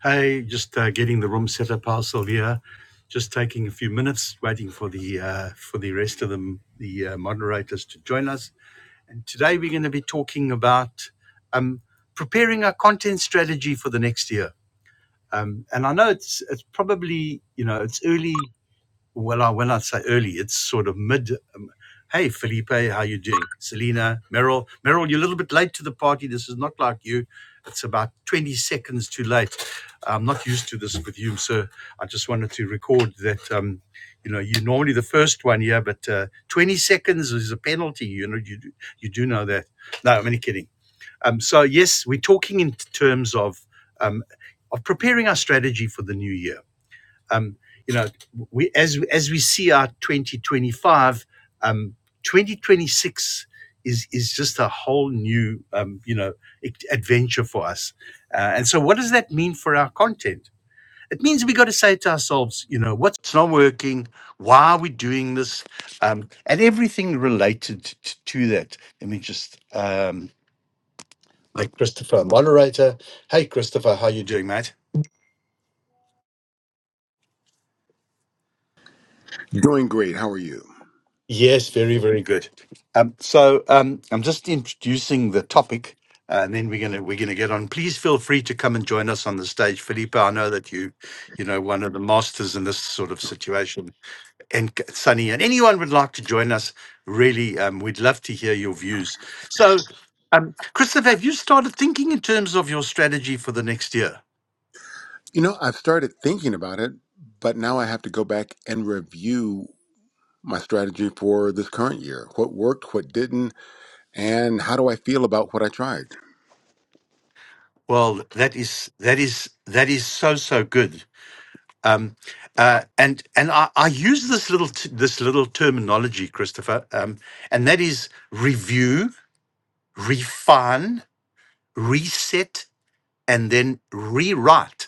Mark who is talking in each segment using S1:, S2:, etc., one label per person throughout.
S1: Hey, just uh, getting the room set up, Al Sylvia. Just taking a few minutes, waiting for the uh, for the rest of the the uh, moderators to join us. And today we're going to be talking about um, preparing our content strategy for the next year. Um, and I know it's it's probably you know it's early well, I when I say early, it's sort of mid. Um, hey, Felipe, how you doing? Selena, Meryl, Meryl, you're a little bit late to the party. This is not like you. It's about 20 seconds too late. I'm not used to this with you, so I just wanted to record that. Um, you know, you're normally the first one here, but uh, 20 seconds is a penalty. You know, you do- you do know that. No, I'm only kidding. Um, so yes, we're talking in terms of um, of preparing our strategy for the new year um, you know, we as as we see our 2025, um, 2026 is is just a whole new um, you know adventure for us. Uh, and so, what does that mean for our content? It means we got to say to ourselves, you know, what's not working, why are we doing this, um, and everything related to, to that. Let me just um, make Christopher a moderator. Hey, Christopher, how you doing, mate?
S2: Doing great. How are you?
S1: Yes, very, very good. Um, so um, I'm just introducing the topic, uh, and then we're gonna we're gonna get on. Please feel free to come and join us on the stage, Philippa. I know that you, you know, one of the masters in this sort of situation, and C- Sunny, and anyone would like to join us. Really, um, we'd love to hear your views. So, um, Christopher, have you started thinking in terms of your strategy for the next year?
S2: You know, I've started thinking about it, but now I have to go back and review my strategy for this current year. What worked, what didn't, and how do I feel about what I tried?
S1: Well, that is that is that is so so good. Um, uh, and and I, I use this little t- this little terminology, Christopher, um, and that is review, refine, reset, and then rewrite.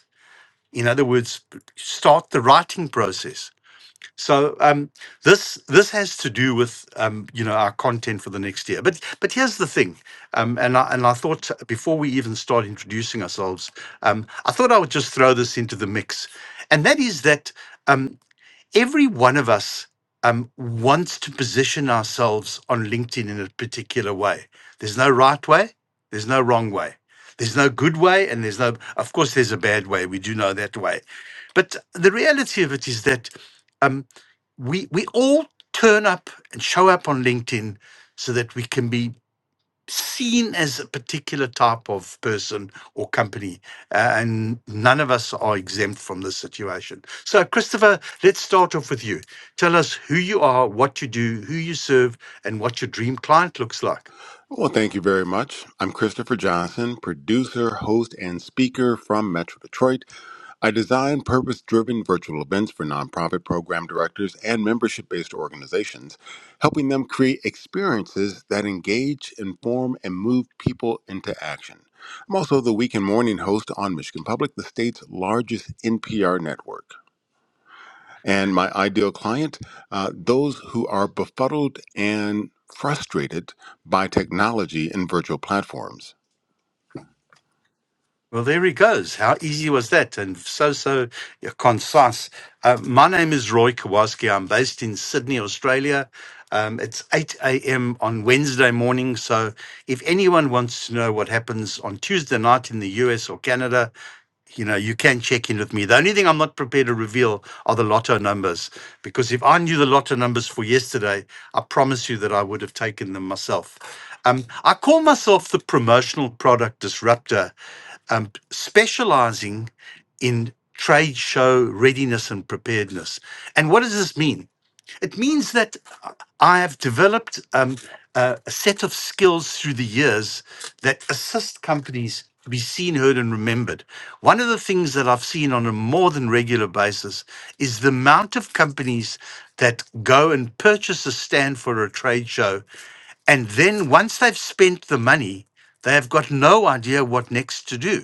S1: In other words, start the writing process. So um, this this has to do with um, you know our content for the next year. But but here's the thing, um, and I, and I thought before we even start introducing ourselves, um, I thought I would just throw this into the mix, and that is that. Um, every one of us um, wants to position ourselves on LinkedIn in a particular way. There's no right way, there's no wrong way. There's no good way, and there's no, of course, there's a bad way. We do know that way. But the reality of it is that um, we, we all turn up and show up on LinkedIn so that we can be seen as a particular type of person or company, uh, and none of us are exempt from this situation. So, Christopher, let's start off with you. Tell us who you are, what you do, who you serve, and what your dream client looks like.
S2: Well, thank you very much. I'm Christopher Johnson, producer, host, and speaker from Metro Detroit. I design purpose driven virtual events for nonprofit program directors and membership based organizations, helping them create experiences that engage, inform, and move people into action. I'm also the weekend morning host on Michigan Public, the state's largest NPR network. And my ideal client, uh, those who are befuddled and frustrated by technology and virtual platforms.
S1: Well, there he goes. How easy was that? And so, so yeah, concise. Uh, my name is Roy Kowalski. I'm based in Sydney, Australia. Um, it's 8 a.m. on Wednesday morning. So, if anyone wants to know what happens on Tuesday night in the US or Canada, you know, you can check in with me. The only thing I'm not prepared to reveal are the lotto numbers because if I knew the lotto numbers for yesterday, I promise you that I would have taken them myself. Um, I call myself the promotional product disruptor um, specializing in trade show readiness and preparedness. And what does this mean? It means that I have developed um, a, a set of skills through the years that assist companies to be seen, heard, and remembered. One of the things that I've seen on a more than regular basis is the amount of companies that go and purchase a stand for a trade show and then once they've spent the money, they have got no idea what next to do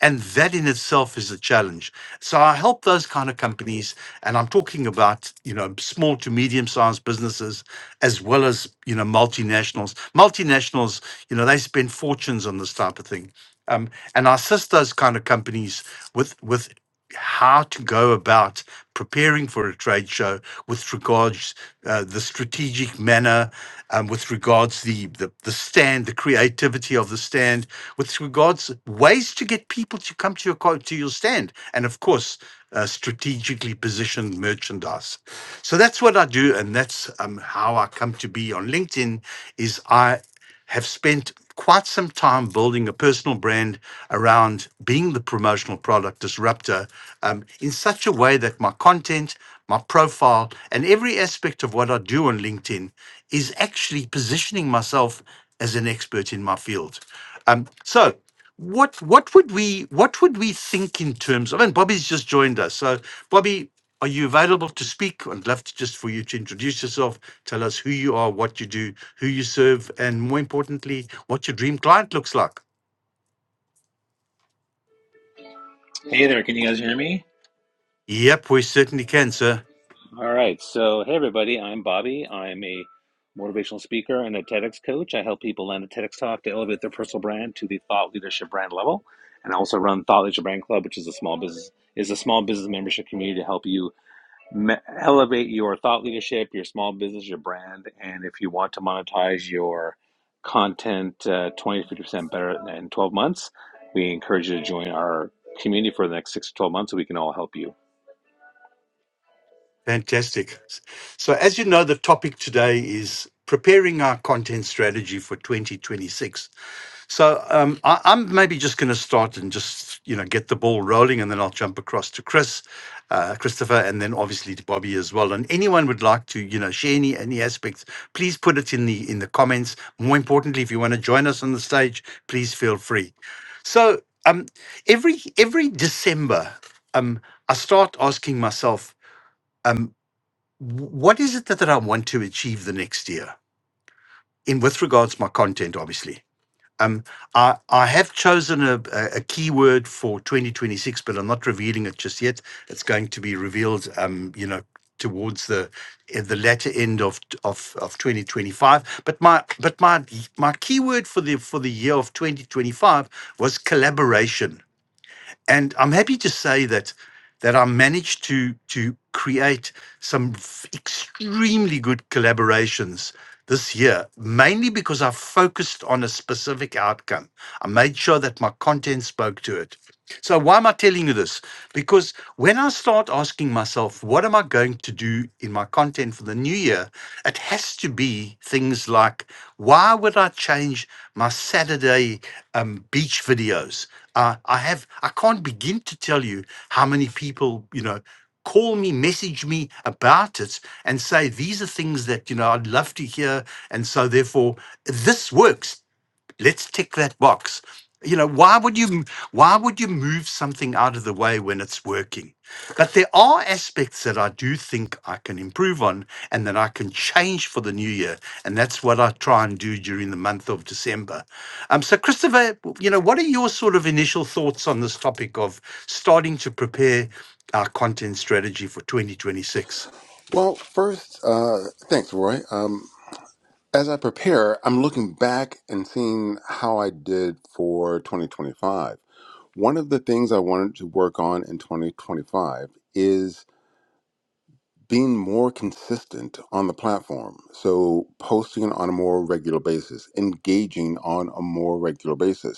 S1: and that in itself is a challenge so i help those kind of companies and i'm talking about you know small to medium sized businesses as well as you know multinationals multinationals you know they spend fortunes on this type of thing um, and i assist those kind of companies with with how to go about preparing for a trade show with regards uh, the strategic manner um, with regards the, the the stand the creativity of the stand with regards ways to get people to come to your co- to your stand and of course uh, strategically positioned merchandise so that's what i do and that's um, how i come to be on linkedin is i have spent quite some time building a personal brand around being the promotional product disruptor um, in such a way that my content, my profile, and every aspect of what I do on LinkedIn is actually positioning myself as an expert in my field. Um, so, what what would we what would we think in terms of? And Bobby's just joined us, so Bobby. Are you available to speak? I'd love to just for you to introduce yourself, tell us who you are, what you do, who you serve, and more importantly, what your dream client looks like.
S3: Hey there, can you guys hear me?
S1: Yep, we certainly can, sir.
S3: All right. So, hey, everybody. I'm Bobby. I'm a motivational speaker and a TEDx coach. I help people land a TEDx talk to elevate their personal brand to the thought leadership brand level. And I also run Thought Leadership Brand Club, which is a small business is a small business membership community to help you elevate your thought leadership, your small business, your brand, and if you want to monetize your content uh, 20 to 50% better in 12 months, we encourage you to join our community for the next six to 12 months so we can all help you.
S1: Fantastic. So, as you know, the topic today is preparing our content strategy for 2026. So um, I, I'm maybe just going to start and just you know get the ball rolling, and then I'll jump across to Chris, uh, Christopher, and then obviously to Bobby as well. And anyone would like to you know share any any aspects, please put it in the in the comments. More importantly, if you want to join us on the stage, please feel free. So um, every every December, um, I start asking myself, um, wh- what is it that, that I want to achieve the next year in with regards to my content, obviously um, I, I have chosen a, a a keyword for 2026, but I'm not revealing it just yet. It's going to be revealed, um, you know, towards the at the latter end of, of of 2025. But my but my my keyword for the for the year of 2025 was collaboration and I'm happy to say that that I managed to to create some f- extremely good collaborations this year, mainly because I focused on a specific outcome. I made sure that my content spoke to it. So, why am I telling you this? Because when I start asking myself, what am I going to do in my content for the new year? It has to be things like, why would I change my Saturday um, beach videos? Uh, I have, I can't begin to tell you how many people, you know, call me, message me about it and say, these are things that, you know, I'd love to hear. And so, therefore, this works let's tick that box you know why would you why would you move something out of the way when it's working but there are aspects that i do think i can improve on and that i can change for the new year and that's what i try and do during the month of december um so christopher you know what are your sort of initial thoughts on this topic of starting to prepare our content strategy for 2026
S2: Well, first, uh, thanks, Roy. Um, as I prepare, I'm looking back and seeing how I did for 2025. One of the things I wanted to work on in 2025 is being more consistent on the platform. So, posting on a more regular basis, engaging on a more regular basis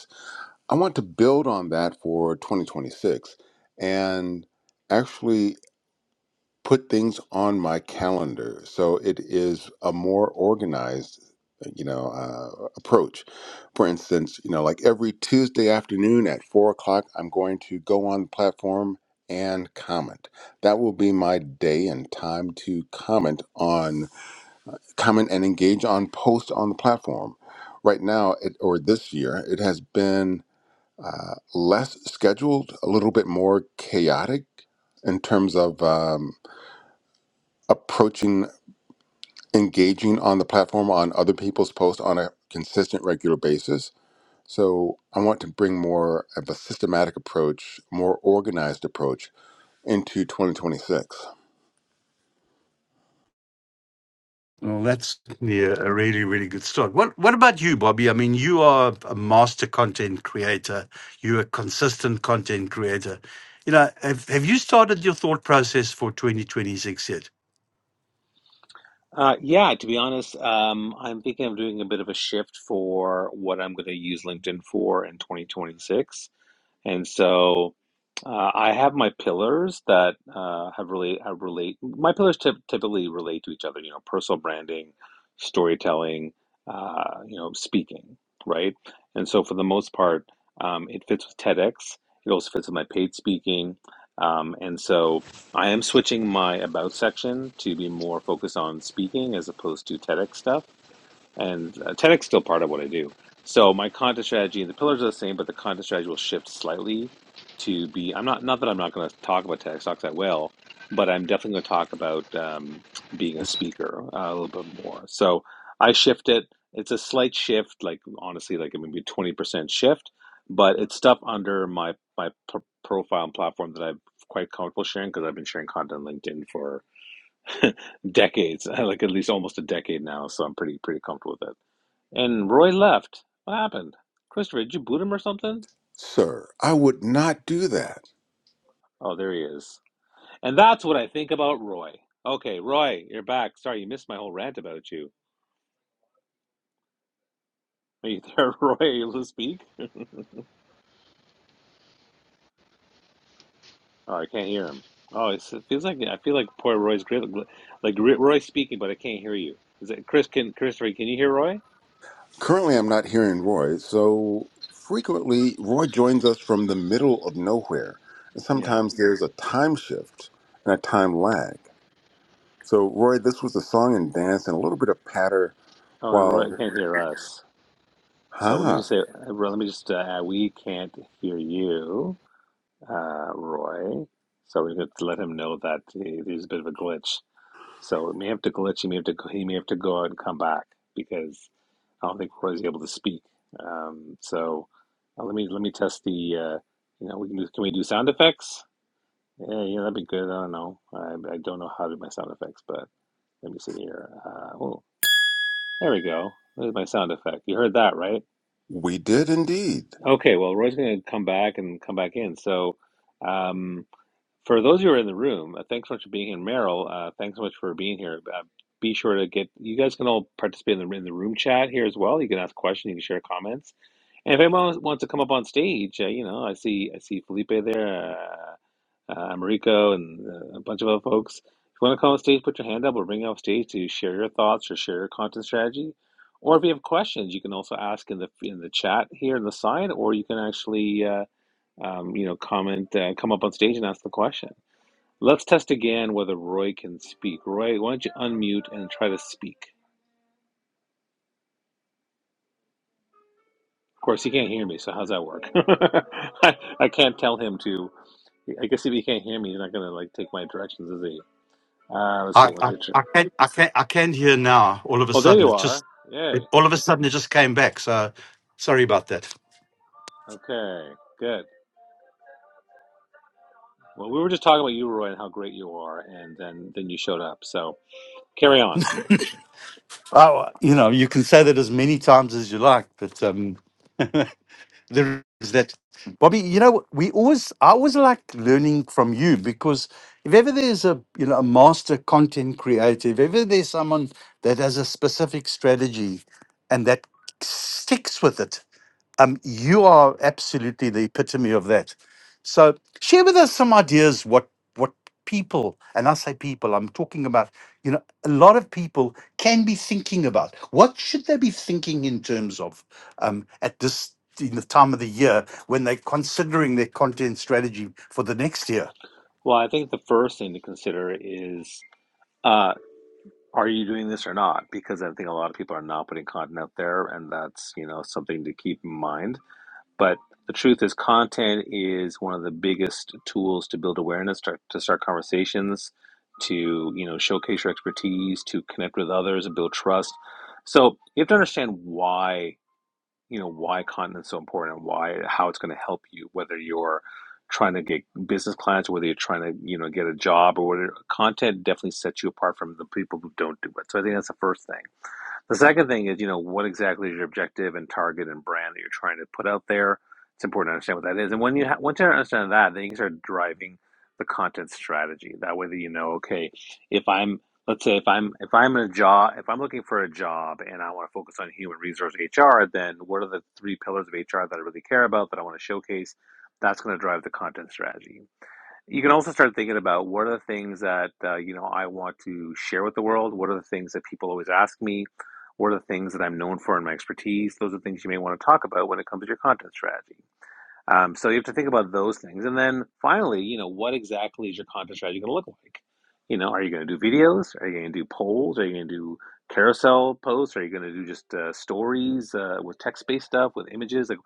S2: I want to build on that for 2026 and actually put things on my calendar so it is a more organized uh, you know uh, approach for instance you know like every tuesday afternoon at four o'clock i'm going to go on the platform and comment that will be my day and time to comment on comment and engage on posts on the platform right now it, or this year it has been uh, less scheduled, a little bit more chaotic in terms of um, approaching, engaging on the platform on other people's posts on a consistent, regular basis. So I want to bring more of a systematic approach, more organized approach into 2026.
S1: Well, that's yeah, a really, really good start. What What about you, Bobby? I mean, you are a master content creator. You're a consistent content creator. You know, have have you started your thought process for 2026 yet?
S3: Uh, yeah, to be honest, um, I'm thinking of doing a bit of a shift for what I'm going to use LinkedIn for in 2026. And so uh, I have my pillars that uh, have really have relate. My pillars typ typically relate to each other. You know, personal branding, storytelling, uh, you know, speaking, right? And so for the most part, um, it fits with TEDx. It also fits with my paid speaking. Um, and so I am switching my about section to be more focused on speaking as opposed to TEDx stuff and uh, TEDx is still part of what I do. So my content strategy and the pillars are the same, but the content strategy will shift slightly to be. I'm not not that I'm not going to talk about TEDx talks. I will, but I'm definitely going to talk about um, being a speaker uh, a little bit more. So I shift it. It's a slight shift, like honestly, like maybe twenty percent shift, but it's stuff under my my pr- profile and platform that I'm quite comfortable sharing because I've been sharing content on LinkedIn for decades, like at least almost a decade now. So I'm pretty pretty comfortable with it. And Roy left. What happened? Christopher, did you boot him or something?
S2: Sir, I would not do that.
S3: Oh, there he is. And that's what I think about Roy. Okay, Roy, you're back. Sorry, you missed my whole rant about you. Are you there, Roy? Are you able to speak? Oh, I can't hear him. Oh, it's, it feels like I feel like poor Roy's great. Like Roy- Roy's speaking, but I can't hear you. Is it Chris? Can Christopher? Can you hear Roy?
S2: Currently, I'm not hearing Roy, so frequently Roy joins us from the middle of nowhere. And
S3: Yeah.
S2: sometimes there's a time shift and a time lag. So, Roy, this was a song and dance and a little bit of patter
S3: Oh, and
S2: while,
S3: Roy can't hear us. So let me
S2: huh?
S3: just say, uh, let me just, uh, we can't hear you, uh, Roy. So we have to let him know that uh, there's a bit of a glitch. So it may have to glitch. He may have to, he may have to go out and come back because I don't think Roy's able to speak. Um, so uh, let me, let me test the, uh, you know, we can do, can we do sound effects? Yeah, yeah, that'd be good. I don't know. I, I don't know how to do my sound effects, but let me see here. Uh, oh, there we go. There's my sound effect. You heard that, right?
S2: We did indeed.
S3: Okay, well, Roy's going to come back and come back in. So, um, for those who are in the room, uh, thanks so much for being here, Meryl. Uh, thanks so much for being here. Uh, be sure to get you guys can all participate in the in the room chat here as well. You can ask questions, you can share comments, and if anyone wants wants to come up on stage, uh, you know, I see I see Felipe there. uh, uh, Americo, and uh, a bunch of other folks. If you want to come on stage, put your hand up. We'll bring you off stage to share your thoughts or share your content strategy. Or if you have questions, you can also ask in the in the chat here in the side, or you can actually uh, um, you know comment, uh, come up on stage and ask the question. Let's test again whether Roy can speak. Roy, why don't you unmute and try to speak? Of course, he can't hear me, so how's that work? I, I can't tell him to. I guess if he can't hear me, he's not gonna like take my directions, is he? Uh, let's see.
S1: I
S3: What's
S1: I,
S3: it?
S1: I can I can I can hear now. All of a
S3: Oh, there
S1: sudden,
S3: you
S1: it
S3: are.
S1: just
S3: Yay.
S1: it, all of a sudden it just came back. So sorry about that.
S3: Okay. Good. Well, we were just talking about you, Roy, and how great you are, and then then you showed up. So carry on.
S1: Oh, you know, you can say that as many times as you like, but um, there is that. Bobby, you know, we always, I always like learning from you because if ever there's a, you know, a master content creator, if ever there's someone that has a specific strategy and that sticks with it, um, you are absolutely the epitome of that. So share with us some ideas what what people, and I say people, I'm talking about, you know, a lot of people can be thinking about. What should they be thinking in terms of um, at this in the time of the year when they're considering their content strategy for the next year?
S3: Well, I think the first thing to consider is uh, are you doing this or not? Because I think a lot of people are not putting content out there, and that's you know something to keep in mind. But the truth is, content is one of the biggest tools to build awareness, to, to start conversations, to you know showcase your expertise, to connect with others, and build trust. So you have to understand why you know why content is so important and why how it's going to help you, whether you're trying to get business clients, or whether you're trying to you know get a job or whatever. Content definitely sets you apart from the people who don't do it. So I think that's the first thing. The second thing is, you know, what exactly is your objective and target and brand that you're trying to put out there? It's important to understand what that is. And when you ha- once you understand that, then you can start driving the content strategy. That way, that you know, okay, if I'm let's say if I'm if I'm in a job if I'm looking for a job and I want to focus on human resource HR, then what are the three pillars of HR that I really care about that I want to showcase? That's going to drive the content strategy you can also start thinking about what are the things that uh, you know I want to share with the world. What are the things that people always ask me? What are the things that I'm known for in my expertise? Those are things you may want to talk about when it comes to your content strategy. Um, so you have to think about those things. And then finally, you know, what exactly is your content strategy going to look like? You know, are you going to do videos? Are you going to do polls? Are you going to do carousel posts? Are you going to do just uh, stories uh, with text based stuff, with images? Like,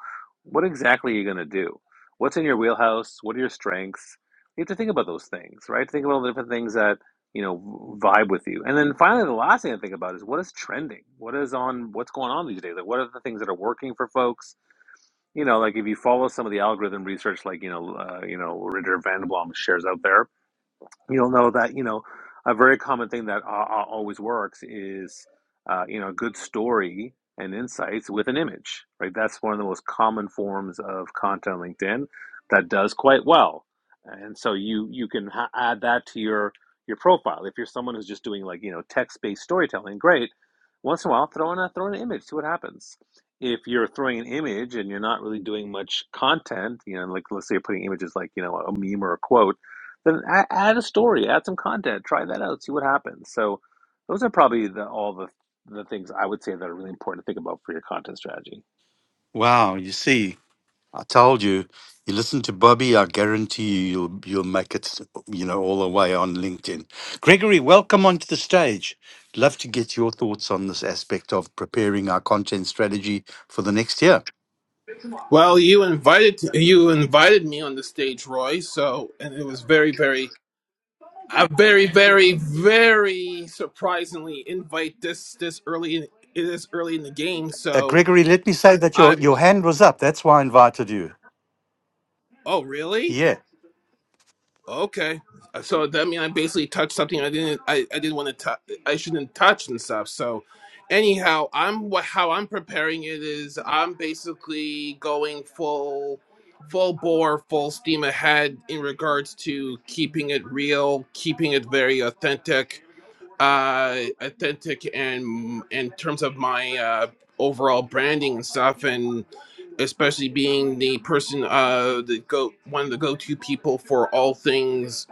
S3: what exactly are you going to do? What's in your wheelhouse? What are your strengths? You have to think about those things, right? Think about all the different things that, you know, vibe with you. And then finally, the last thing to think about is what is trending? What is on, what's going on these days? Like, what are the things that are working for folks? you know, like if you follow some of the algorithm research, like you know, uh, you know, Ritter Vandenblom shares out there, you'll know that you know a very common thing that uh, uh, always works is uh, you know a good story and insights with an image right that's one of the most common forms of content on linkedin that does quite well and so you you can ha- add that to your your profile if you're someone who's just doing like you know text-based storytelling great once in a while throw in a throw in an image see what happens if you're throwing an image and you're not really doing much content you know like let's say you're putting images like you know a meme or a quote then a- add a story, add some content, try that out, see what happens. So those are probably the, all the the things I would say that are really important to think about for your content strategy.
S1: Wow, you see. I told you, you listen to Bobby, I guarantee you, you'll, you'll make it, you know, all the way on LinkedIn. Gregory, welcome onto the stage. Love to get your thoughts on this aspect of preparing our content strategy for the next year.
S4: Well, you invited you invited me on the stage, Roy. So, and it was very, very, uh, very, very, very surprisingly invite this this early in, this early in the game.
S1: Uh,
S4: So
S1: Gregory, let me say that your,
S4: I.
S1: your hand was up. That's why I invited you.
S4: Oh, really?
S1: Yeah.
S4: Okay, Uh, so that mean I basically touched something I didn't I, I didn't want to touch I shouldn't touch and stuff. So, anyhow, I'm what how I'm preparing it is I'm basically going full full bore, full steam ahead in regards to keeping it real, keeping it very authentic, uh, authentic and in terms of my uh, overall branding and stuff, and especially being the person uh, the go one of the go to people for all things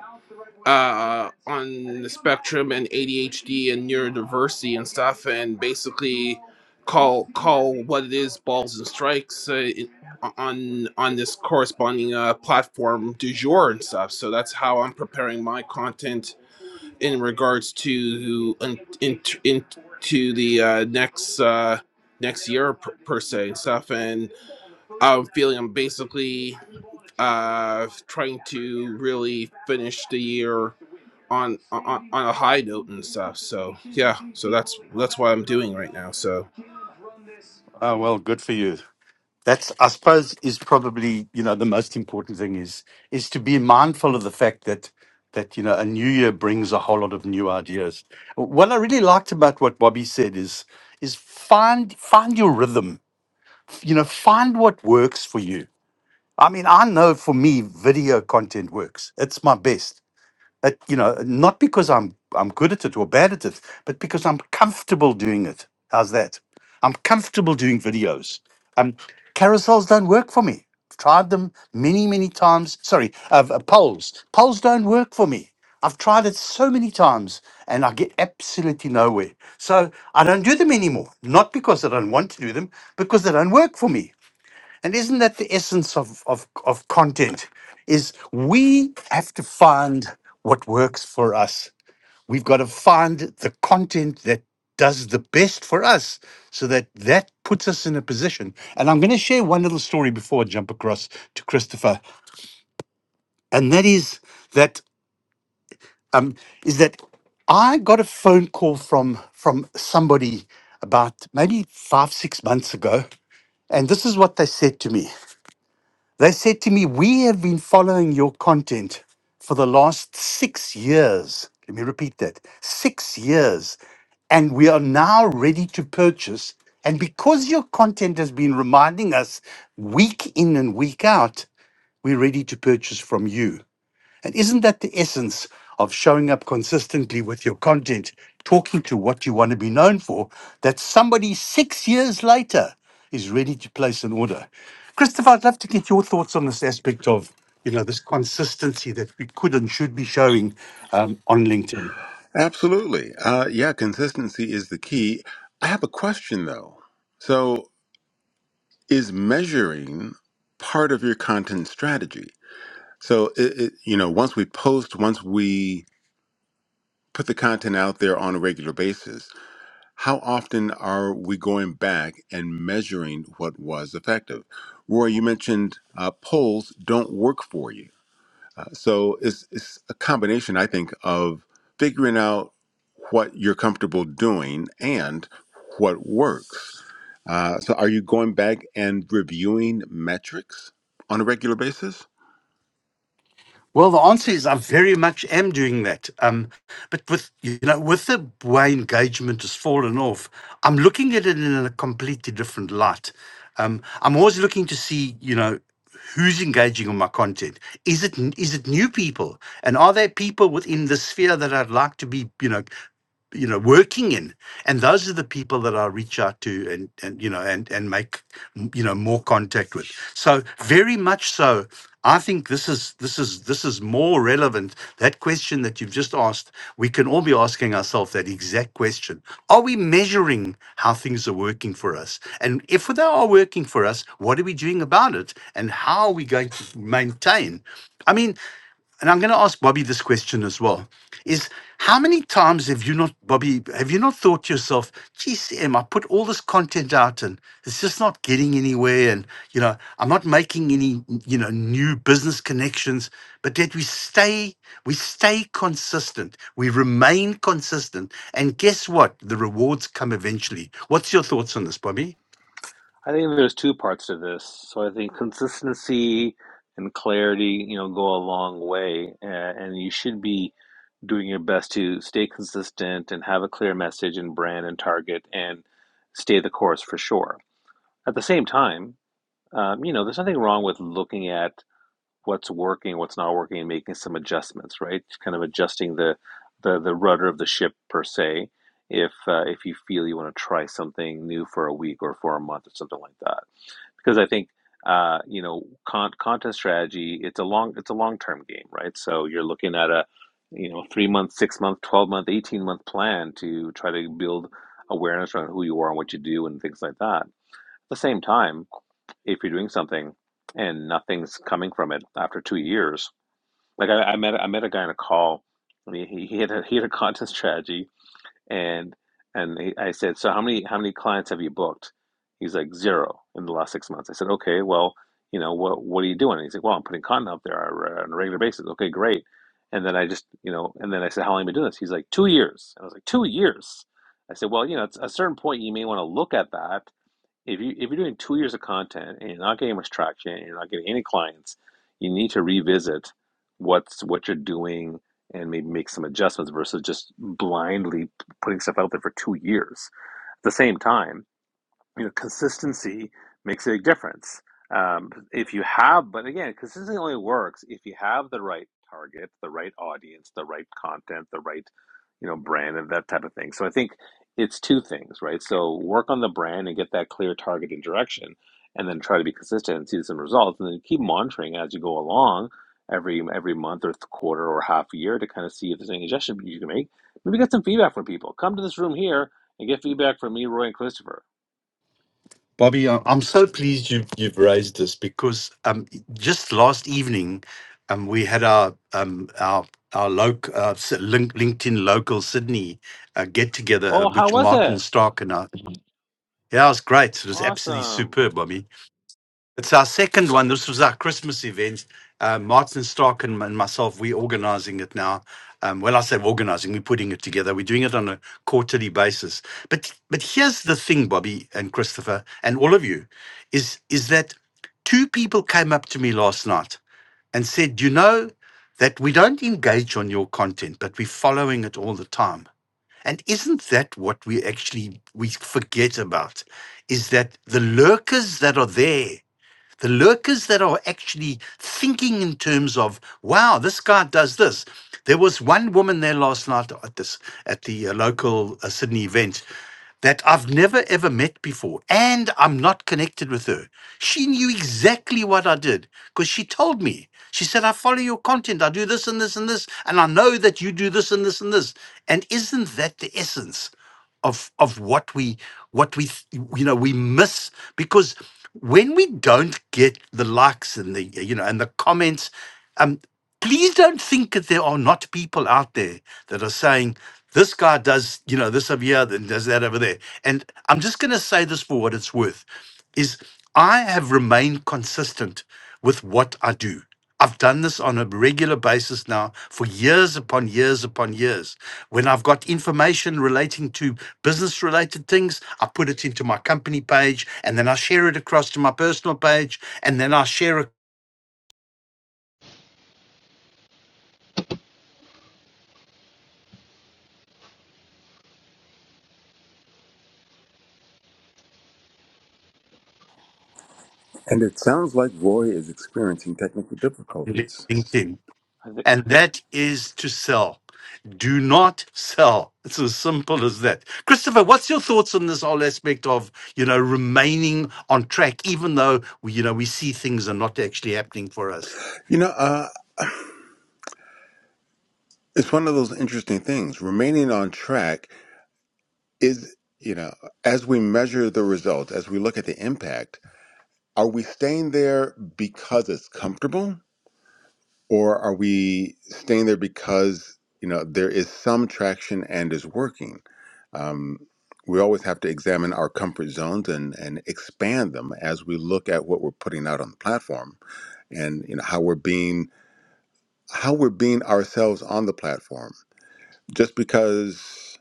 S4: uh, on the spectrum and ADHD and neurodiversity and stuff, and basically call call what it is balls and strikes uh, in, on on this corresponding uh, platform du jour and stuff. So that's how I'm preparing my content in regards to into in, in the uh, next uh, next year per, per se and stuff. And I'm feeling I'm basically uh, trying to really finish the year on on on a high note and stuff. So yeah, so that's that's what I'm doing right now. So.
S1: Oh, well, good for you. that's i suppose is probably you know the most important thing is is to be mindful of the fact that that you know a new year brings a whole lot of new ideas what i really liked about what bobby said is is find find your rhythm you know find what works for you i mean i know for me video content works it's my best it, you know, not because I'm I'm good at it or bad at it, but because I'm comfortable doing it. How's that? I'm comfortable doing videos. Um, carousels don't work for me. I've tried them many, many times. Sorry, uh, uh, polls. Polls don't work for me. I've tried it so many times and I get absolutely nowhere. So I don't do them anymore. Not because I don't want to do them, because they don't work for me. And isn't that the essence of, of, of content? Is we have to find what works for us. We've got to find the content that does the best for us so that that puts us in a position. And I'm going to share one little story before I jump across to Christopher. And that is that um, is that I got a phone call from from somebody about maybe five, six months ago. And this is what they said to me. They said to me, We have been following your content for the last six years. Let me repeat that six years. And we are now ready to purchase. And because your content has been reminding us week in and week out, we're ready to purchase from you. And isn't that the essence of showing up consistently with your content, talking to what you want to be known for, that somebody six years later is ready to place an order? Christopher, I'd love to get your thoughts on this aspect of, you know, this consistency that we could and should be showing um, on LinkedIn.
S2: Absolutely. Uh, yeah, consistency is the key. I have a question though. So, is measuring part of your content strategy? So, it, it, you know, once we post, once we put the content out there on a regular basis, how often are we going back and measuring what was effective? Roy, you mentioned uh, polls don't work for you. Uh, so it's, it's a combination, I think, of figuring out what you're comfortable doing and what works. Uh, so are you going back and reviewing metrics on a regular basis?
S1: Well, the answer is I very much am doing that. Um, but with you know, with the way engagement has fallen off, I'm looking at it in a completely different light. Um, I'm always looking to see, you know, who's engaging on my content. Is it n- is it new people, and are there people within the sphere that I'd like to be, you know, you know working in and those are the people that i reach out to and and you know and and make m- you know more contact with so very much so i think this is this is this is more relevant that question that you've just asked we can all be asking ourselves that exact question are we measuring how things are working for us and if they are working for us what are we doing about it and how are we going to maintain i mean and I'm going to ask Bobby this question as well, is how many times have you not, Bobby, have you not thought to yourself, geez, Em, I put all this content out and it's just not getting anywhere. And, you know, I'm not making any, you know, new business connections, but that we stay, we stay consistent. We remain consistent. And guess what? The rewards come eventually. What's your thoughts on this, Bobby?
S3: I think there's two parts to this. So I think consistency and clarity, you know, go a long way, uh, and you should be doing your best to stay consistent and have a clear message and brand and target and stay the course for sure. At the same time, um, you know, there's nothing wrong with looking at what's working, what's not working, and making some adjustments, right? Kind of adjusting the the, the rudder of the ship per se, if uh, if you feel you want to try something new for a week or for a month or something like that, because I think uh, you know con- content strategy it's a long it's a long term game, right? So you're looking at a you know three month, six month, twelve month, eighteen month plan to try to build awareness around who you are and what you do and things like that. At the same time if you're doing something and nothing's coming from it after two years. Like I, I met I met a guy on a call and he, he he had a he had a content strategy and and he, I said, So how many how many clients have you booked? He's like zero in the last six months. I said, Okay, well, you know, what what are you doing? he's like, Well, I'm putting content up there on a regular basis. Okay, great. And then I just, you know, and then I said, How long have you been doing this? He's like, Two years. And I was like, Two years. I said, Well, you know, at a certain point you may want to look at that if you if you're doing two years of content and you're not getting much traction and you're not getting any clients, you need to revisit what's what you're doing and maybe make some adjustments versus just blindly putting stuff out there for two years. At the same time you know, consistency makes a big difference. Um, if you have, but again, consistency only works if you have the right target, the right audience, the right content, the right, you know, brand and that type of thing. So I think it's two things, right? So work on the brand and get that clear target and direction, and then try to be consistent and see some results, and then keep monitoring as you go along every every month or quarter or half a year to kind of see if there's any suggestions you can make. Maybe get some feedback from people. Come to this room here and get feedback from me, Roy, and Christopher
S1: Bobby, I- I'm so pleased you've you've raised this because um, just last evening, um, we had our um, our our loc uh, S- Link- LinkedIn local Sydney uh, get together, uh,
S3: Oh, how
S1: which
S3: was
S1: Martin
S3: it?
S1: Stark and I. Yeah, it was great. It was absolutely
S3: Awesome.
S1: superb, Bobby. It's our second one. This was our Christmas event. Uh, Martin Stark and, and myself, we're organizing it now. Um, well, I say organizing, we're putting it together. We're doing it on a quarterly basis. But but here's the thing, Bobby and Christopher and all of you, is is that two people came up to me last night and said, you know, that we don't engage on your content, but we're following it all the time. And isn't that what we actually we forget about? Is that the lurkers that are there? The lurkers that are actually thinking in terms of, wow, this guy does this. There was one woman there last night at this at the uh, local uh, Sydney event that I've never ever met before, and I'm not connected with her. She knew exactly what I did because she told me. She said, I follow your content, I do this and this and this, and I know that you do this and this and this. And isn't that the essence? of of what we what we th- you know we miss because when we don't get the likes and the you know and the comments um, please don't think that there are not people out there that are saying this guy does you know this over here then does that over there and i'm just going to say this for what it's worth is i have remained consistent with what i do i've done this on a regular basis now for years upon years upon years when i've got information relating to business related things i put it into my company page and then i share it across to my personal page and then i share it
S2: And it sounds like Roy is experiencing technical
S1: on
S2: difficulties.
S1: linkedin
S3: I think,
S1: and that is to sell. Do not sell. It's as simple as that. Christopher, what's your thoughts on this whole aspect of, you know, remaining on track, even though, you know, we see things are not actually happening for us?
S2: You know, uh, it's one of those interesting things. Remaining on track is, you know, as we measure the results, as we look at the impact, are we staying there because it's comfortable? or are we staying there because you know there is some traction and is working um, we always have to examine our comfort zones and and expand them as we look at what we're putting out on the platform and you know how we're being how we're being ourselves on the platform just because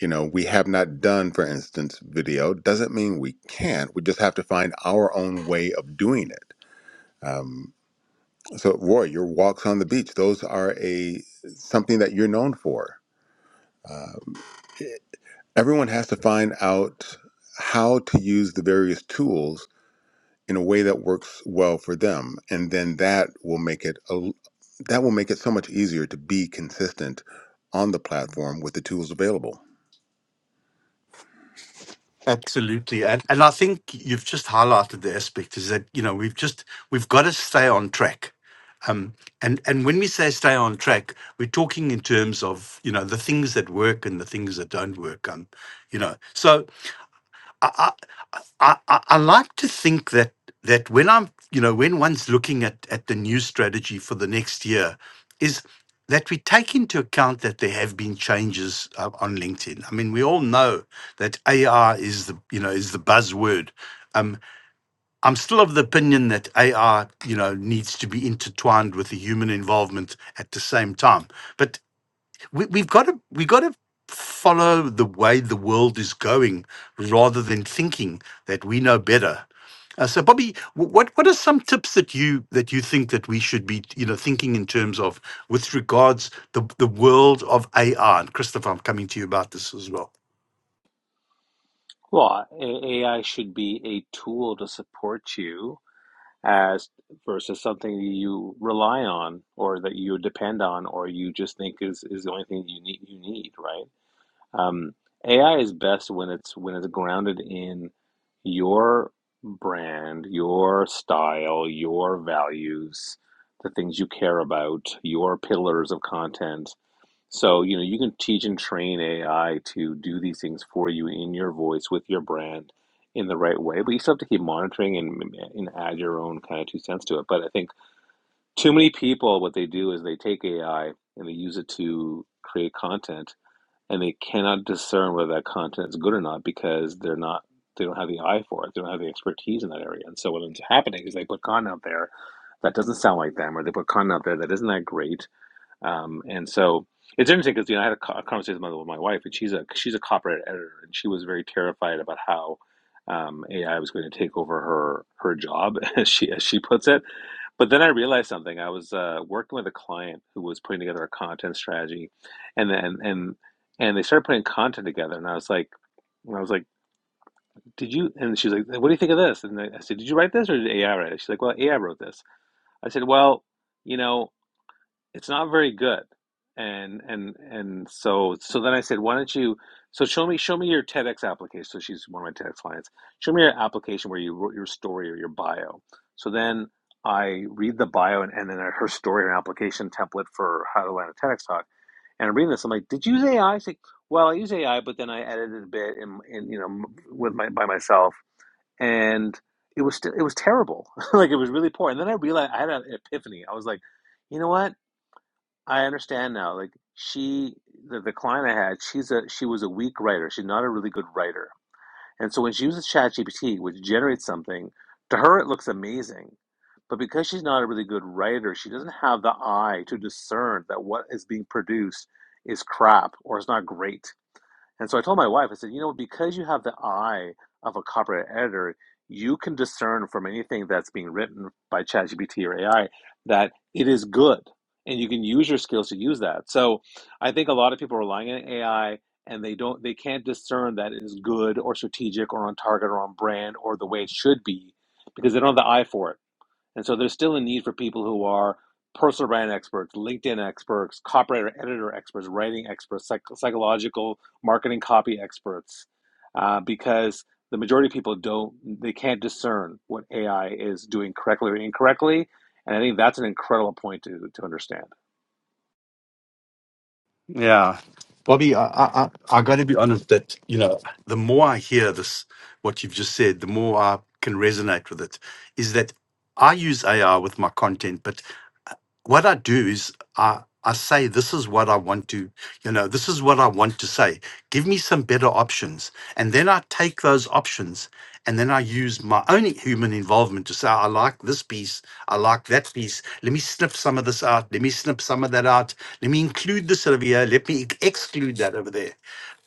S2: you know we have not done for instance video doesn't mean we can't we just have to find our own way of doing it Um, So, Roy, your walks on the beach, those are a something that you're known for. Everyone has to find out how to use the various tools in a way that works well for them, and then that will make it a, that will make it so much easier to be consistent on the platform with the tools available.
S1: Absolutely. And, and I think you've just highlighted the aspect is that, you know, we've just, we've got to stay on track. Um, and, and when we say stay on track, we're talking in terms of, you know, the things that work and the things that don't work. Um, you know, so I, I, I, I like to think that that when I'm, you know, when one's looking at at the new strategy for the next year, is that we take into account that there have been changes uh, on LinkedIn. I mean, we all know that AR is the, you know, is the buzzword. Um, I'm still of the opinion that AR, you know, needs to be intertwined with the human involvement at the same time. But we, we've got to we've got to follow the way the world is going rather than thinking that we know better. Uh, so, Bobby, wh- what what are some tips that you that you think that we should be you know thinking in terms of with regards the the world of AI? And Christopher, I'm coming to you about this as well.
S3: well, A- AI should be a tool to support you as versus something you rely on or that you depend on or you just think is, is the only thing you need you need, right? Um, AI is best when it's when it's grounded in your brand, your style, your values, the things you care about, your pillars of content So, you know, you can teach and train AI to do these things for you in your voice with your brand in the right way, but you still have to keep monitoring and, and add your own kind of two cents to it. But I think too many people, what they do is they take AI and they use it to create content and they cannot discern whether that content is good or not because they're not, they don't have the eye for it. They don't have the expertise in that area. And so what ends up happening is they put content out there that doesn't sound like them or they put content out there that isn't that great um, and so it's interesting because you know I had a, co- a conversation with my, with my wife, and she's a she's a copyright editor, and she was very terrified about how um, AI was going to take over her her job, as she as she puts it. But then I realized something. I was uh, working with a client who was putting together a content strategy, and then and and they started putting content together, and I was like. And I was like, "Did you?" And she's like, "What do you think of this?" And I I said, "Did you write this or did AI write it?" She's like, "Well, AI wrote this." I said, "Well, you know." it's not very good and and and so so then i said why don't you so show me show me your tedx application so she's one of my tedx clients show me your application where you wrote your story or your bio so then i read the bio and, and then her story or application template for how to land a tedx talk and i'm reading this i'm like did you use ai she's like well i use ai but then i edited a bit and, and you know with my by myself and it was still it was terrible like it was really poor and then i realized i had an epiphany i was like you know what I understand now. Like she, the, the client I had, she's a she was a weak writer. She's not a really good writer, and so when she uses ChatGPT, which generates something, to her it looks amazing, but because she's not a really good writer, she doesn't have the eye to discern that what is being produced is crap or it's not great. And so I told my wife, I said, you know, because you have the eye of a copyright editor, you can discern from anything that's being written by ChatGPT or AI that it is good. And you can use your skills to use that. So I think a lot of people are relying on AI and they don't they can't discern that it is good or strategic or on target or on brand or the way it should be because they don't have the eye for it. And so there's still a need for people who are personal brand experts, LinkedIn experts, copywriter, editor experts, writing experts, psych- psychological marketing copy experts, uh, because the majority of people don't, they can't discern what AI is doing correctly or incorrectly. And I think that's an incredible point to, to understand.
S1: Yeah. Bobby, I, I, I, got to be honest that, you know, the more I hear this, what you've just said, the more I can resonate with it. Is that I use AI with my content, but what I do is I I say this is what I want to, you know, this is what I want to say. Give me some better options. And then I take those options and then I use my own human involvement to say, I like this piece, I like that piece. Let me snip some of this out. Let me snip some of that out. Let me include this over here. Let me ex- exclude that over there.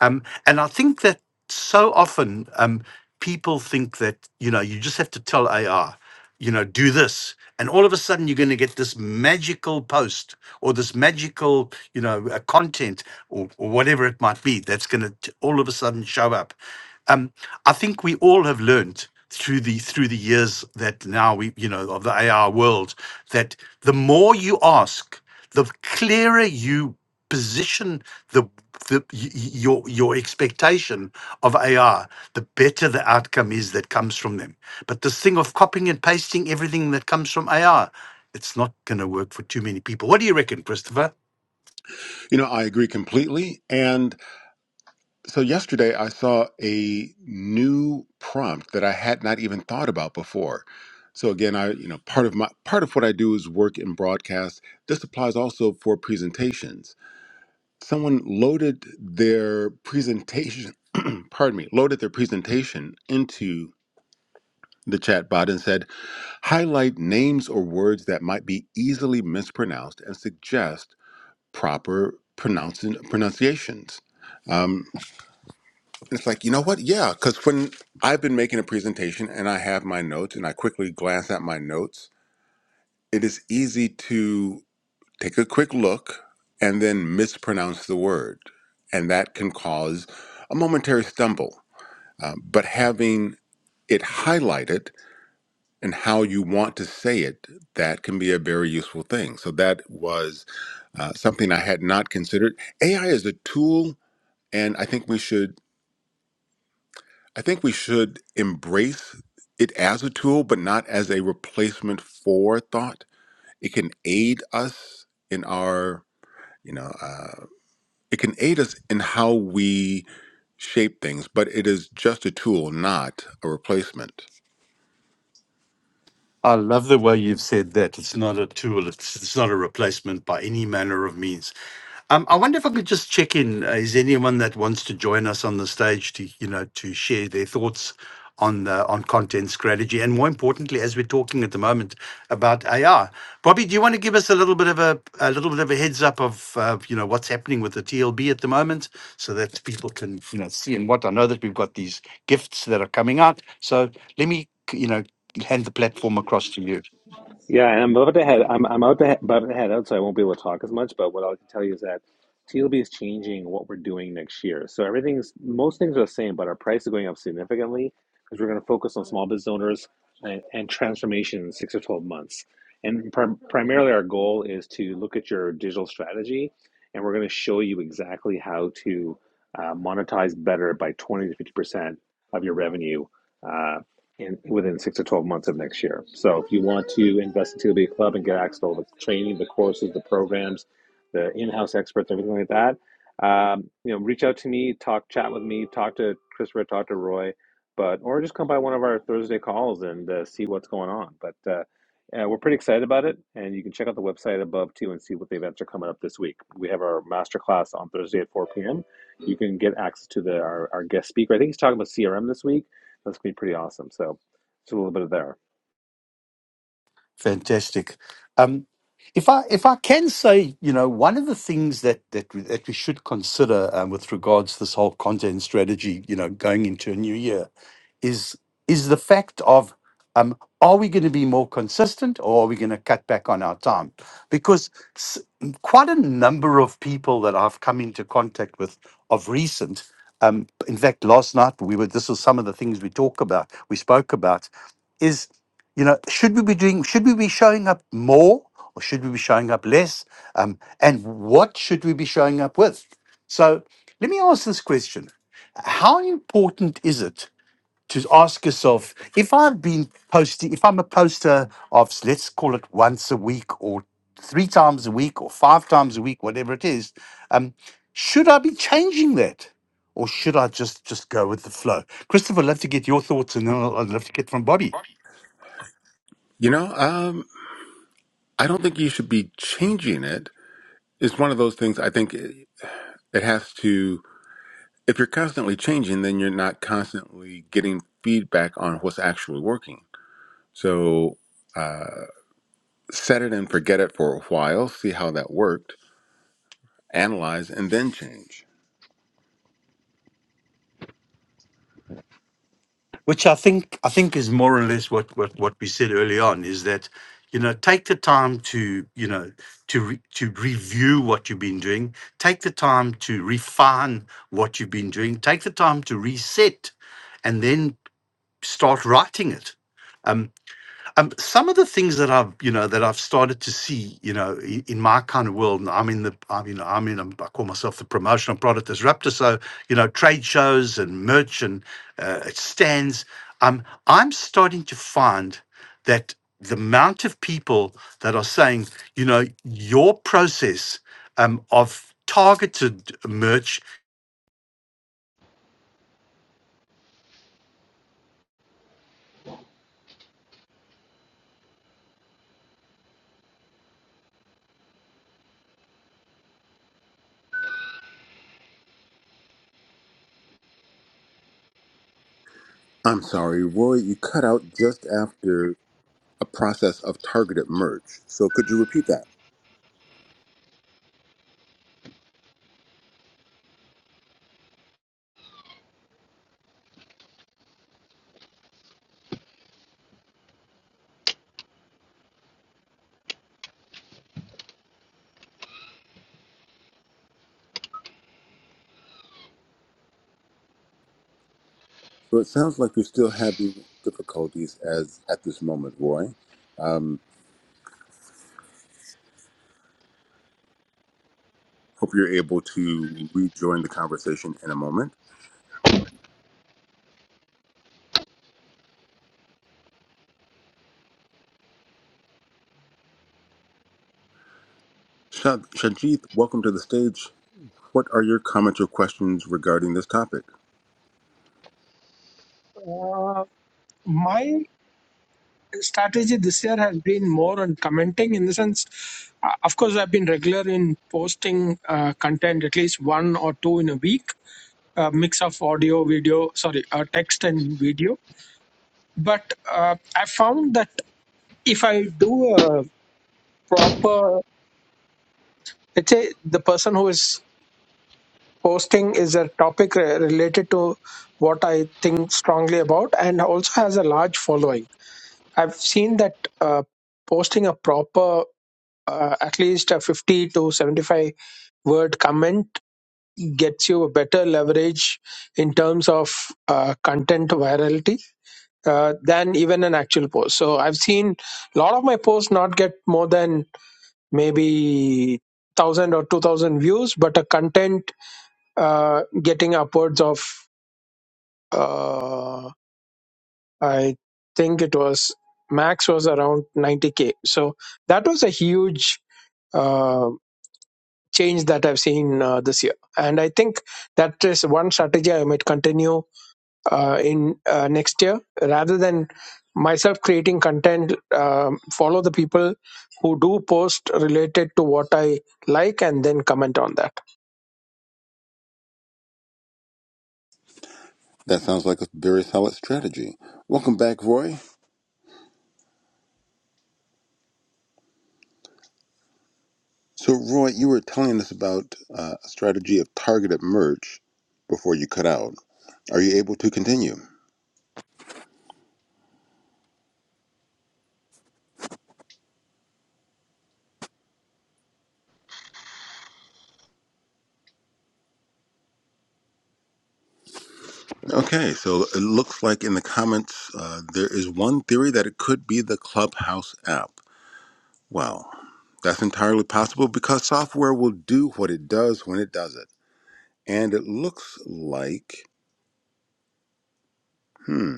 S1: Um, and I think that so often um, people think that, you know, you just have to tell AI, you know, do this and all of a sudden you're going to get this magical post or this magical you know uh, content or, or whatever it might be that's going to all of a sudden show up um, i think we all have learned through the through the years that now we you know of the ai world that the more you ask the clearer you position the, the y- y- your your expectation of AI, the better the outcome is that comes from them. But this thing of copying and pasting everything that comes from AI, it's not going to work for too many people. What do you reckon, Christopher?
S2: You know, I agree completely, and So yesterday I saw a new prompt that I had not even thought about before. So again, I you know part of my part of what I do is work in broadcast. This applies also for presentations. Someone loaded their presentation, pardon me, loaded their presentation into the chatbot and said, highlight names or words that might be easily mispronounced and suggest proper pronouncing pronunciations. Um, it's like, you know what? Yeah, because when I've been making a presentation and I have my notes and I quickly glance at my notes, it is easy to take a quick look and then mispronounce the word. And that can cause a momentary stumble. Um, but having it highlighted and how you want to say it, that can be a very useful thing. So that was uh, something I had not considered. AI is a tool, and I think we should I think we should embrace it as a tool, but not as a replacement for thought. It can aid us in our, you know, uh, it can aid us in how we shape things, but it is just a tool, not a replacement.
S1: I love the way you've said that. It's not a tool. It's, it's not a replacement by any manner of means. Um, I wonder if I could just check in. Uh, is anyone that wants to join us on the stage to you know to share their thoughts on the, on content strategy and more importantly, as we're talking at the moment about AI, Bobby, do you want to give us a little bit of a a little bit of a heads up of uh, you know what's happening with the TLB at the moment, so that people can you know see and what I know that we've got these gifts that are coming out. So let me. You know, hand the platform across to you.
S3: Yeah, and I'm about to head. I'm I'm out to he- about to head out, so I won't be able to talk as much. But what I can tell you is that TLB is changing what we're doing next year. So everything's most things are the same, but our price is going up significantly because we're going to focus on small business owners and, and transformation in six or twelve months. And prim- primarily, our goal is to look at your digital strategy, and we're going to show you exactly how to uh, monetize better by twenty to fifty percent of your revenue Uh, in within six to 12 months of next year. So if you want to invest in TLB Club and get access to all the training, the courses, the programs, the in-house experts, everything like that, um, you know, reach out to me, talk, chat with me, talk to Christopher, talk to Roy, but or just come by one of our Thursday calls and uh, see what's going on. But uh, uh, we're pretty excited about it, and you can check out the website above too and see what the events are coming up this week. We have our masterclass on Thursday at 4 p.m. You can get access to the our, our guest speaker. I think he's talking about CRM this week that's gonna be pretty awesome. So, just a little bit of there.
S1: Fantastic. Um, if I if I can say, you know, one of the things that that we, that we should consider um, with regards to this whole content strategy, you know, going into a new year, is is the fact of um, are we going to be more consistent or are we going to cut back on our time? Because s- quite a number of people that I've come into contact with of recent, um, in fact, last night we were. This was some of the things we talk about. We spoke about is. You know, should we be doing? Should we be showing up more, or should we be showing up less? Um, and what should we be showing up with? So, let me ask this question: How important is it to ask yourself if I've been posting, if I'm a poster of, let's call it once a week, or three times a week, or five times a week, whatever it is? Um, should I be changing that? Or should I just just go with the flow? Christopher, I'd love to get your thoughts, and then I'd love to get from Bobby
S2: You know, um, I don't think you should be changing it. It's one of those things I think it, it has to, if you're constantly changing, then you're not constantly getting feedback on what's actually working. So, uh, set it and forget it for a while, see how that worked, analyze, and then change.
S1: which I think I think is more or less what what what we said early on is that you know take the time to you know to re, to review what you've been doing take the time to refine what you've been doing take the time to reset and then start writing it Um, Um, some of the things that I've, you know, that I've started to see, you know, in, in my kind of world, and I'm in the, I'm, you know, I'm in, I'm, I call myself the promotional product disruptor. So, you know, trade shows and merch and uh, stands. Um, I'm starting to find that the amount of people that are saying, you know, your process um, of targeted merch
S2: I'm sorry, Roy, you cut out just after a process of targeted merge. So could you repeat that? So it sounds like you're still having difficulties as at this moment, Roy. Um, Hope you're able to rejoin the conversation in a moment. Shad- Shajith, welcome to the stage. What are your comments or questions regarding this topic?
S5: Uh, my strategy this year has been more on commenting in the sense, uh, of course, I've been regular in posting uh, content at least one or two in a week, a mix of audio, video, sorry, uh, text and video. But uh, I found that if I do a proper, let's say the person who is posting is a topic re- related to what I think strongly about and also has a large following. I've seen that uh, posting a proper uh, at least a 50 to 75 word comment gets you a better leverage in terms of uh, content virality uh, than even an actual post. So I've seen a lot of my posts not get more than maybe 1000 or 2000 views, but a content uh, getting upwards of, uh, I think it was max was around 90k. So that was a huge. uh, change that I've seen uh, this year. And I think that is one strategy I might continue uh, in uh, next year rather than myself creating content, um, follow the people who do post related to what I like and then comment on that.
S2: That sounds like a very solid strategy. Welcome back, Roy. So, Roy, you were telling us about uh, a strategy of targeted merge before you cut out. Are you able to continue? Okay, so it looks like in the comments uh, there is one theory that it could be the Clubhouse app. Well, that's entirely possible because software will do what it does when it does it. And it looks like. Hmm.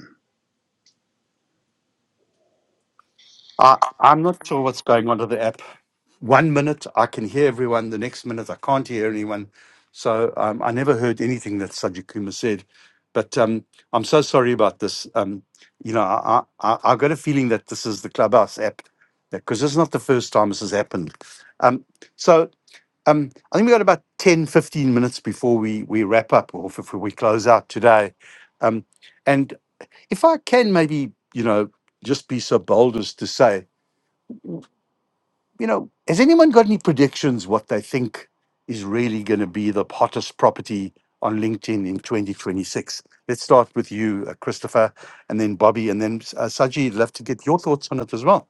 S1: I, I'm not sure what's going on to the app. One minute I can hear everyone, the next minute I can't hear anyone. So um, I never heard anything that Sajid Kumar said. But um, I'm so sorry about this. Um, you know, I, I, I- I've got a feeling that this is the Clubhouse app because this is not the first time this has happened. Um, so um, I think we got about 10, 15 minutes before we, we wrap up or if we close out today. Um, and if I can maybe, you know, just be so bold as to say, you know, has anyone got any predictions what they think is really going to be the hottest property on LinkedIn in 2026? Let's start with you, uh, Christopher, and then Bobby, and then uh, Saji. I'd love to get your thoughts on it as well.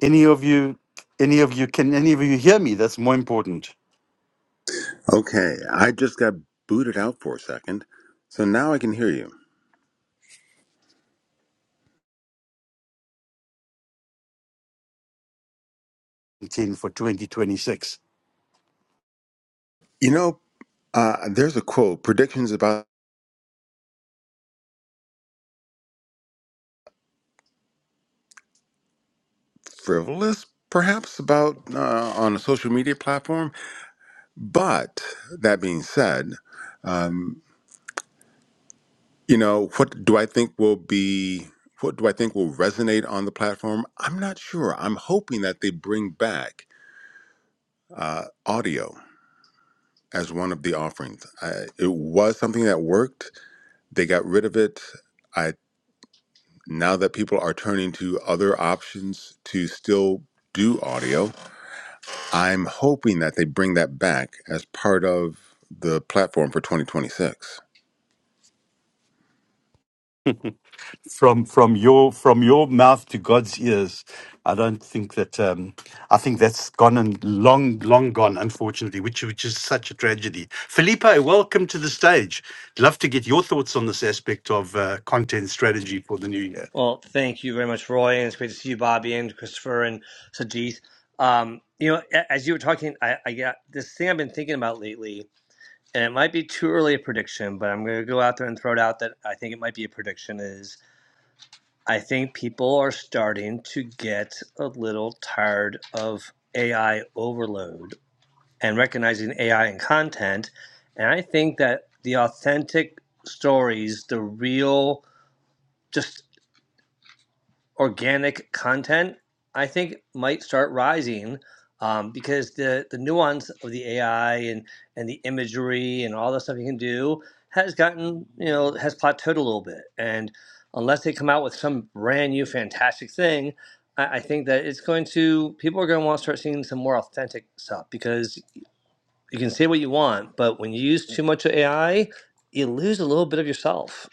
S1: Any of you, any of you, can any of you hear me? That's more important.
S2: Okay, I just got booted out for a second. So now I can hear you.
S1: LinkedIn for 2026.
S2: You know, uh, there's a quote predictions about frivolous, perhaps, about uh, on a social media platform. But that being said, um, you know, what do I think will be. What do I think will resonate on the platform? I'm not sure. I'm hoping that they bring back uh, audio as one of the offerings. I, it was something that worked. They got rid of it. I now that people are turning to other options to still do audio, I'm hoping that they bring that back as part of the platform for 2026.
S1: from from your from your mouth to God's ears. I don't think that um, I think that's gone and long long gone, unfortunately, which which is such a tragedy. Felipe, welcome to the stage. Love to get your thoughts on this aspect of uh, content strategy for the new year.
S6: Well, thank you very much, Roy, and it's great to see you, Bobby, and Christopher, and Sajith. Um, you know, a- as you were talking, I, I got this thing I've been thinking about lately, and it might be too early a prediction, but I'm going to go out there and throw it out that I think it might be a prediction. Is I think people are starting to get a little tired of AI overload and recognizing AI in content, and I think that the authentic stories, the real, just organic content, I think might start rising um, because the the nuance of the AI and and the imagery and all the stuff you can do has gotten you know has plateaued a little bit. And unless they come out with some brand new fantastic thing, I, I think that it's going to people are going to want to start seeing some more authentic stuff because you can say what you want, but when you use too much of AI, you lose a little bit of yourself.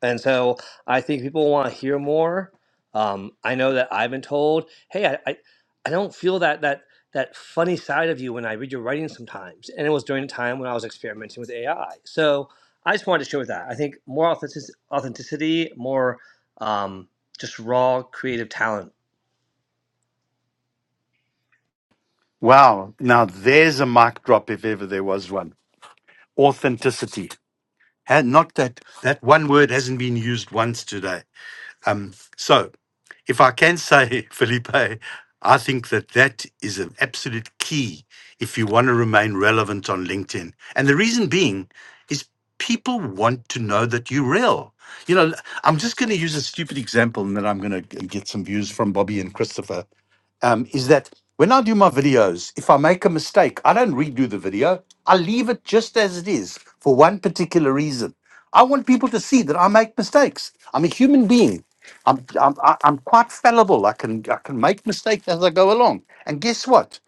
S6: And so I think people want to hear more. Um, I know that I've been told, "Hey, I, I, I don't feel that that that funny side of you when I read your writing sometimes." And it was during a time when I was experimenting with AI. So I just wanted to share that. I think more authentic- authenticity, more um, just raw creative talent
S1: Wow, now there's a mic drop if ever there was one. Authenticity. And not that that one word hasn't been used once today. So if I can say, Felipe, I think that that is an absolute key if you want to remain relevant on LinkedIn. And the reason being is people want to know that you're real. You know, I'm just going to use a stupid example and then I'm going to get some views from Bobby and Christopher um, is that when I do my videos, if I make a mistake, I don't redo the video. I leave it just as it is for one particular reason. I want people to see that I make mistakes. I'm a human being. I'm, I'm, I- I'm quite fallible. I can, I can make mistakes as I go along. And guess what?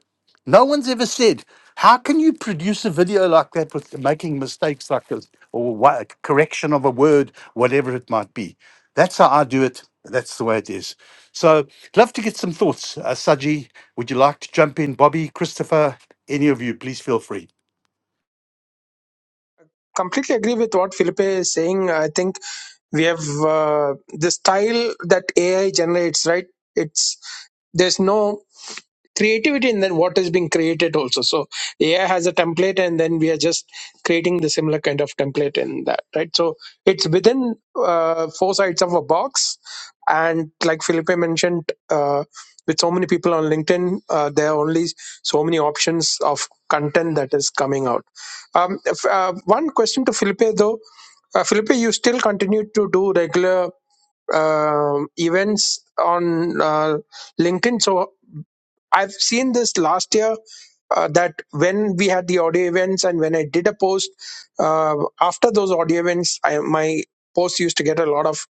S1: No one's ever said, how can you produce a video like that with making mistakes like this or wha- correction of a word, whatever it might be? That's how I do it. That's the way it is. So, love to get some thoughts. Uh, Saji, would you like to jump in? Bobby, Christopher, any of you, please feel free.
S5: completely agree with what Felipe is saying. I think we have uh, the style that AI generates, right? It's there's no creativity in then what is being created also. So AI has a template, and then we are just creating the similar kind of template in that, right? So it's within uh, four sides of a box, and like Felipe mentioned, uh, with so many people on LinkedIn, uh, they are only so many options of content that is coming out um, if, uh, one question to felipe though uh, felipe you still continue to do regular um events on uh, linkedin so I've seen this last year uh, that when we had the audio events and when I did a post uh, after those audio events, I, my post used to get a lot of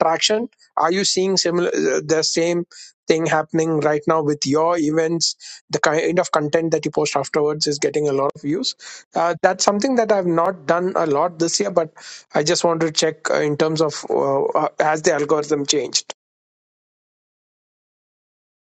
S5: traction. Are you seeing similar uh, the same thing happening right now with your events? The kind of content that you post afterwards is getting a lot of views. Uh, that's something that I've not done a lot this year, but I just want to check uh, in terms of uh, uh, has the algorithm changed.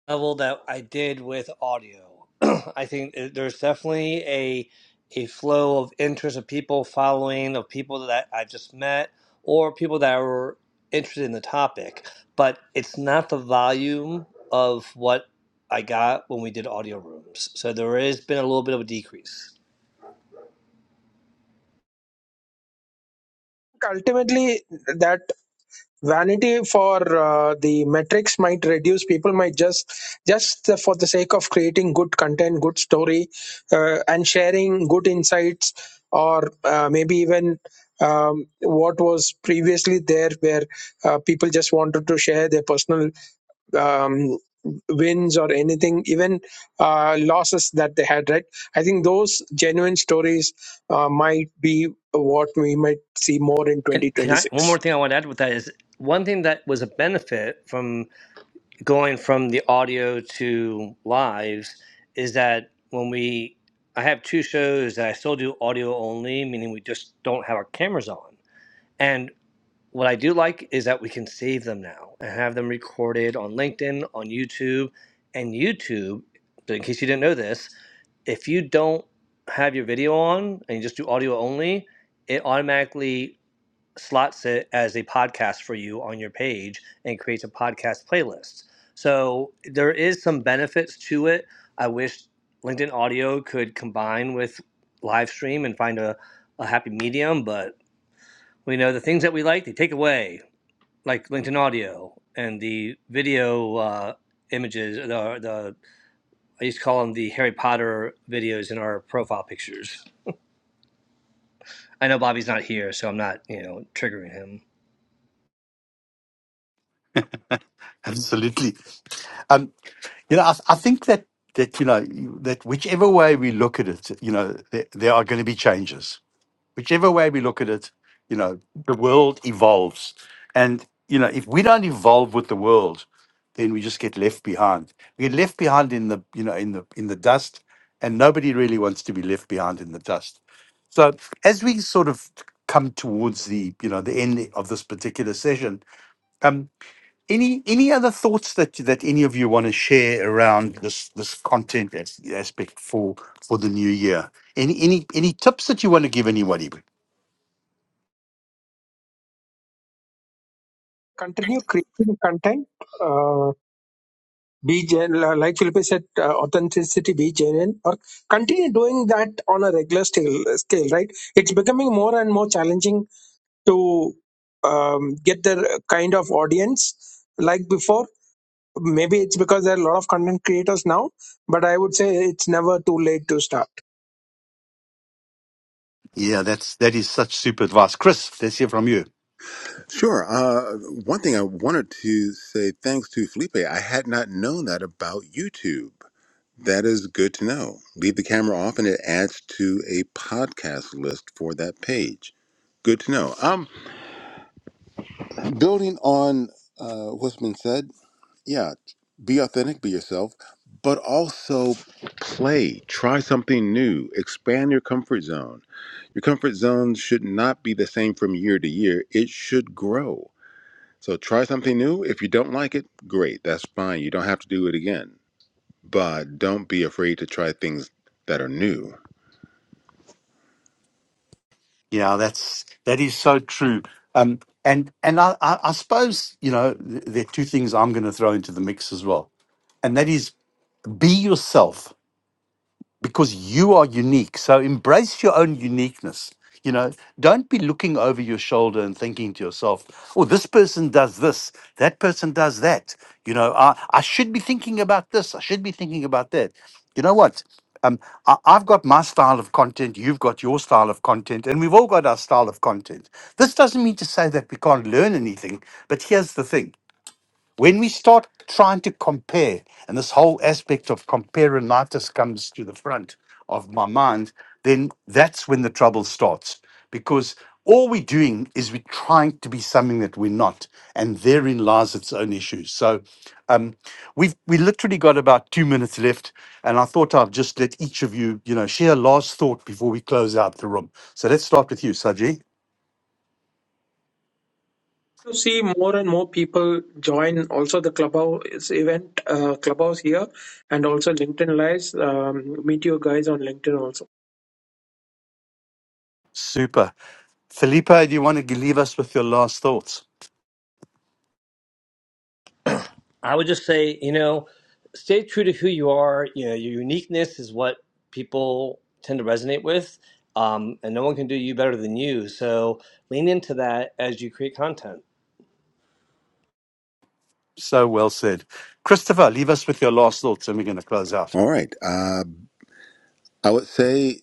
S6: level that I did with audio. I think there's definitely a a flow of interest of people following of people that I've just met or people that are interested in the topic, but it's not the volume of what I got when we did audio rooms. So there has been a little bit of a decrease.
S5: Ultimately, that vanity for uh, the metrics might reduce people might just just for the sake of creating good content good story uh, and sharing good insights or uh, maybe even um, what was previously there where uh, people just wanted to share their personal um, wins or anything even uh, losses that they had right i think those genuine stories uh, might be what we might see more in
S6: And can I one
S5: 2026
S6: more thing I want to add with that is one thing that was a benefit from going from the audio to lives is that when we I have two shows that I still do audio only, meaning we just don't have our cameras on. And what I do like is that we can save them now and have them recorded on LinkedIn, on YouTube, and YouTube. so In case you didn't know this, if you don't have your video on and you just do audio only, it automatically slots it as a podcast for you on your page and creates a podcast playlist. So there is some benefits to it. I wish LinkedIn Audio could combine with live stream and find a, a happy medium, but we know the things that we like, they take away, like LinkedIn Audio and the video uh, images, the, the I used to call them the Harry Potter videos in our profile pictures. I know Bobby's not here, so I'm not, you know, triggering him.
S1: Absolutely. Um, you know, I, I think that that you know you- that whichever way we look at it, you know, there, there are going to be changes whichever way we look at it, you know, the world evolves. And, you know, if we don't evolve with the world, then we just get left behind. We get left behind in the, you know, in the in the dust, and nobody really wants to be left behind in the dust. So as we sort of come towards the, you know, the end of this particular session, um, any any other thoughts that that any of you want to share around this this content as, aspect for for the new year? Any any any tips that you want to give anybody?
S5: continue creating content, uh, be gen- like Felipe said, uh, authenticity, be genuine, or continue doing that on a regular scale, scale, right? It's becoming more and more challenging to um, get the kind of audience like before. Maybe it's because there are a lot of content creators now, but I would say it's never too late to start.
S1: Yeah, that's that is such super advice, Chris. Let's hear from you.
S2: Sure. Uh, one thing I wanted to say thanks to Felipe, I had not known that about YouTube. That is good to know. Leave the camera off and it adds to a podcast list for that page. Good to know. Um, building on uh, what's been said, yeah, be authentic, be yourself, but also play. Try something new. Expand your comfort zone. Your comfort zone should not be the same from year to year, it should grow. So try something new. If you don't like it, great. That's fine. You don't have to do it again. But don't be afraid to try things that are new
S1: Yeah, that's that is so true. Um, and and I, I, I suppose you know th- there are two things I'm going to throw into the mix as well, and that is be yourself because you are unique. So embrace your own uniqueness. You know, don't be looking over your shoulder and thinking to yourself, oh, this person does this, that person does that. You know, I, I should be thinking about this, I should be thinking about that. You know what? Um, I, I've got my style of content, you've got your style of content, and we've all got our style of content. This doesn't mean to say that we can't learn anything, but here's the thing when we start trying to compare, and this whole aspect of comparinitis comes to the front of my mind, then that's when the trouble starts. Because all we're doing is we're trying to be something that we're not, and therein lies its own issues. So um, we've we literally got about two minutes left, and I thought I'd just let each of you, you know, share a last thought before we close out the room. So let's start with you, Saji.
S5: To see more and more people join also the Clubhouse event, uh, Clubhouse here, and also LinkedIn Lives. Um, meet you guys on LinkedIn also.
S1: Super. Felipa, do you want to leave us with your last thoughts?
S6: I would just say, you know, stay true to who you are. You know, your uniqueness is what people tend to resonate with, um, and no one can do you better than you. So lean into that as you create content.
S1: So well said. Christopher, leave us with your last thoughts and we're going to close out.
S2: All right. Uh, I would say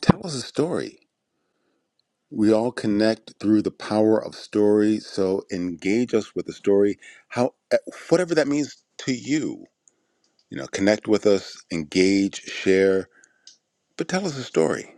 S2: tell us a story. We all connect through the power of story. So engage us with a story, how eh, whatever that means to you. You know, connect with us, engage, share, but tell us a story.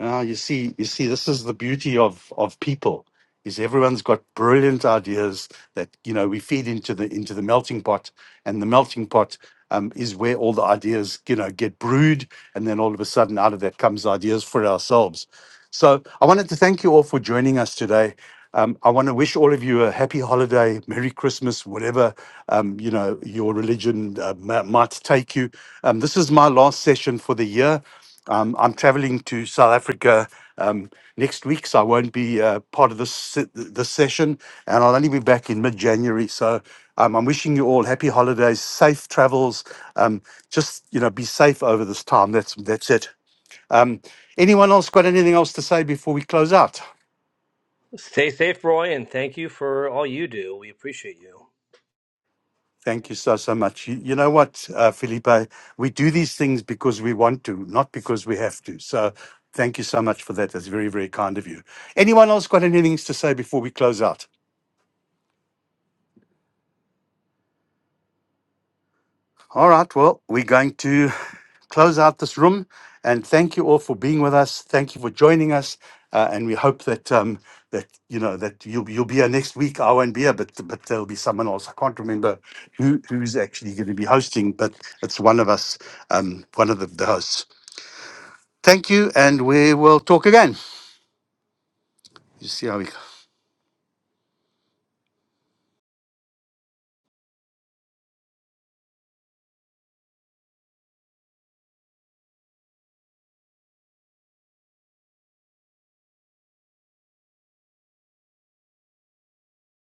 S1: Ah, you see, you see, this is the beauty of, of people is everyone's got brilliant ideas that, you know, we feed into the, into the melting pot and the melting pot um, is where all the ideas, you know, get brewed And then all of a sudden, out of that comes ideas for ourselves. So I wanted to thank you all for joining us today. Um, I want to wish all of you a happy holiday, Merry Christmas, whatever um, you know your religion uh, ma- might take you. Um, this is my last session for the year. Um, I'm traveling to South Africa um, next week, so I won't be uh, part of this se- this session, and I'll only be back in mid-January. So um, I'm wishing you all happy holidays, safe travels. Um, just you know be safe over this time that's that's it um anyone else got anything else to say before we close out
S6: Stay safe, Roy, and thank you for all you do. We appreciate you.
S1: thank you so so much you, you know what uh, felipe we do these things because we want to not because we have to so thank you so much for that that's very very kind of you anyone else got anything to say before we close out All right. Well, we're going to close out this room and thank you all for being with us. Thank you for joining us. Uh, and we hope that um, that you know that you'll you'll be here next week. I won't be here, but but there'll be someone else. I can't remember who who's actually going to be hosting, but it's one of us, um, one of the, the hosts. Thank you, and we will talk again. You see how we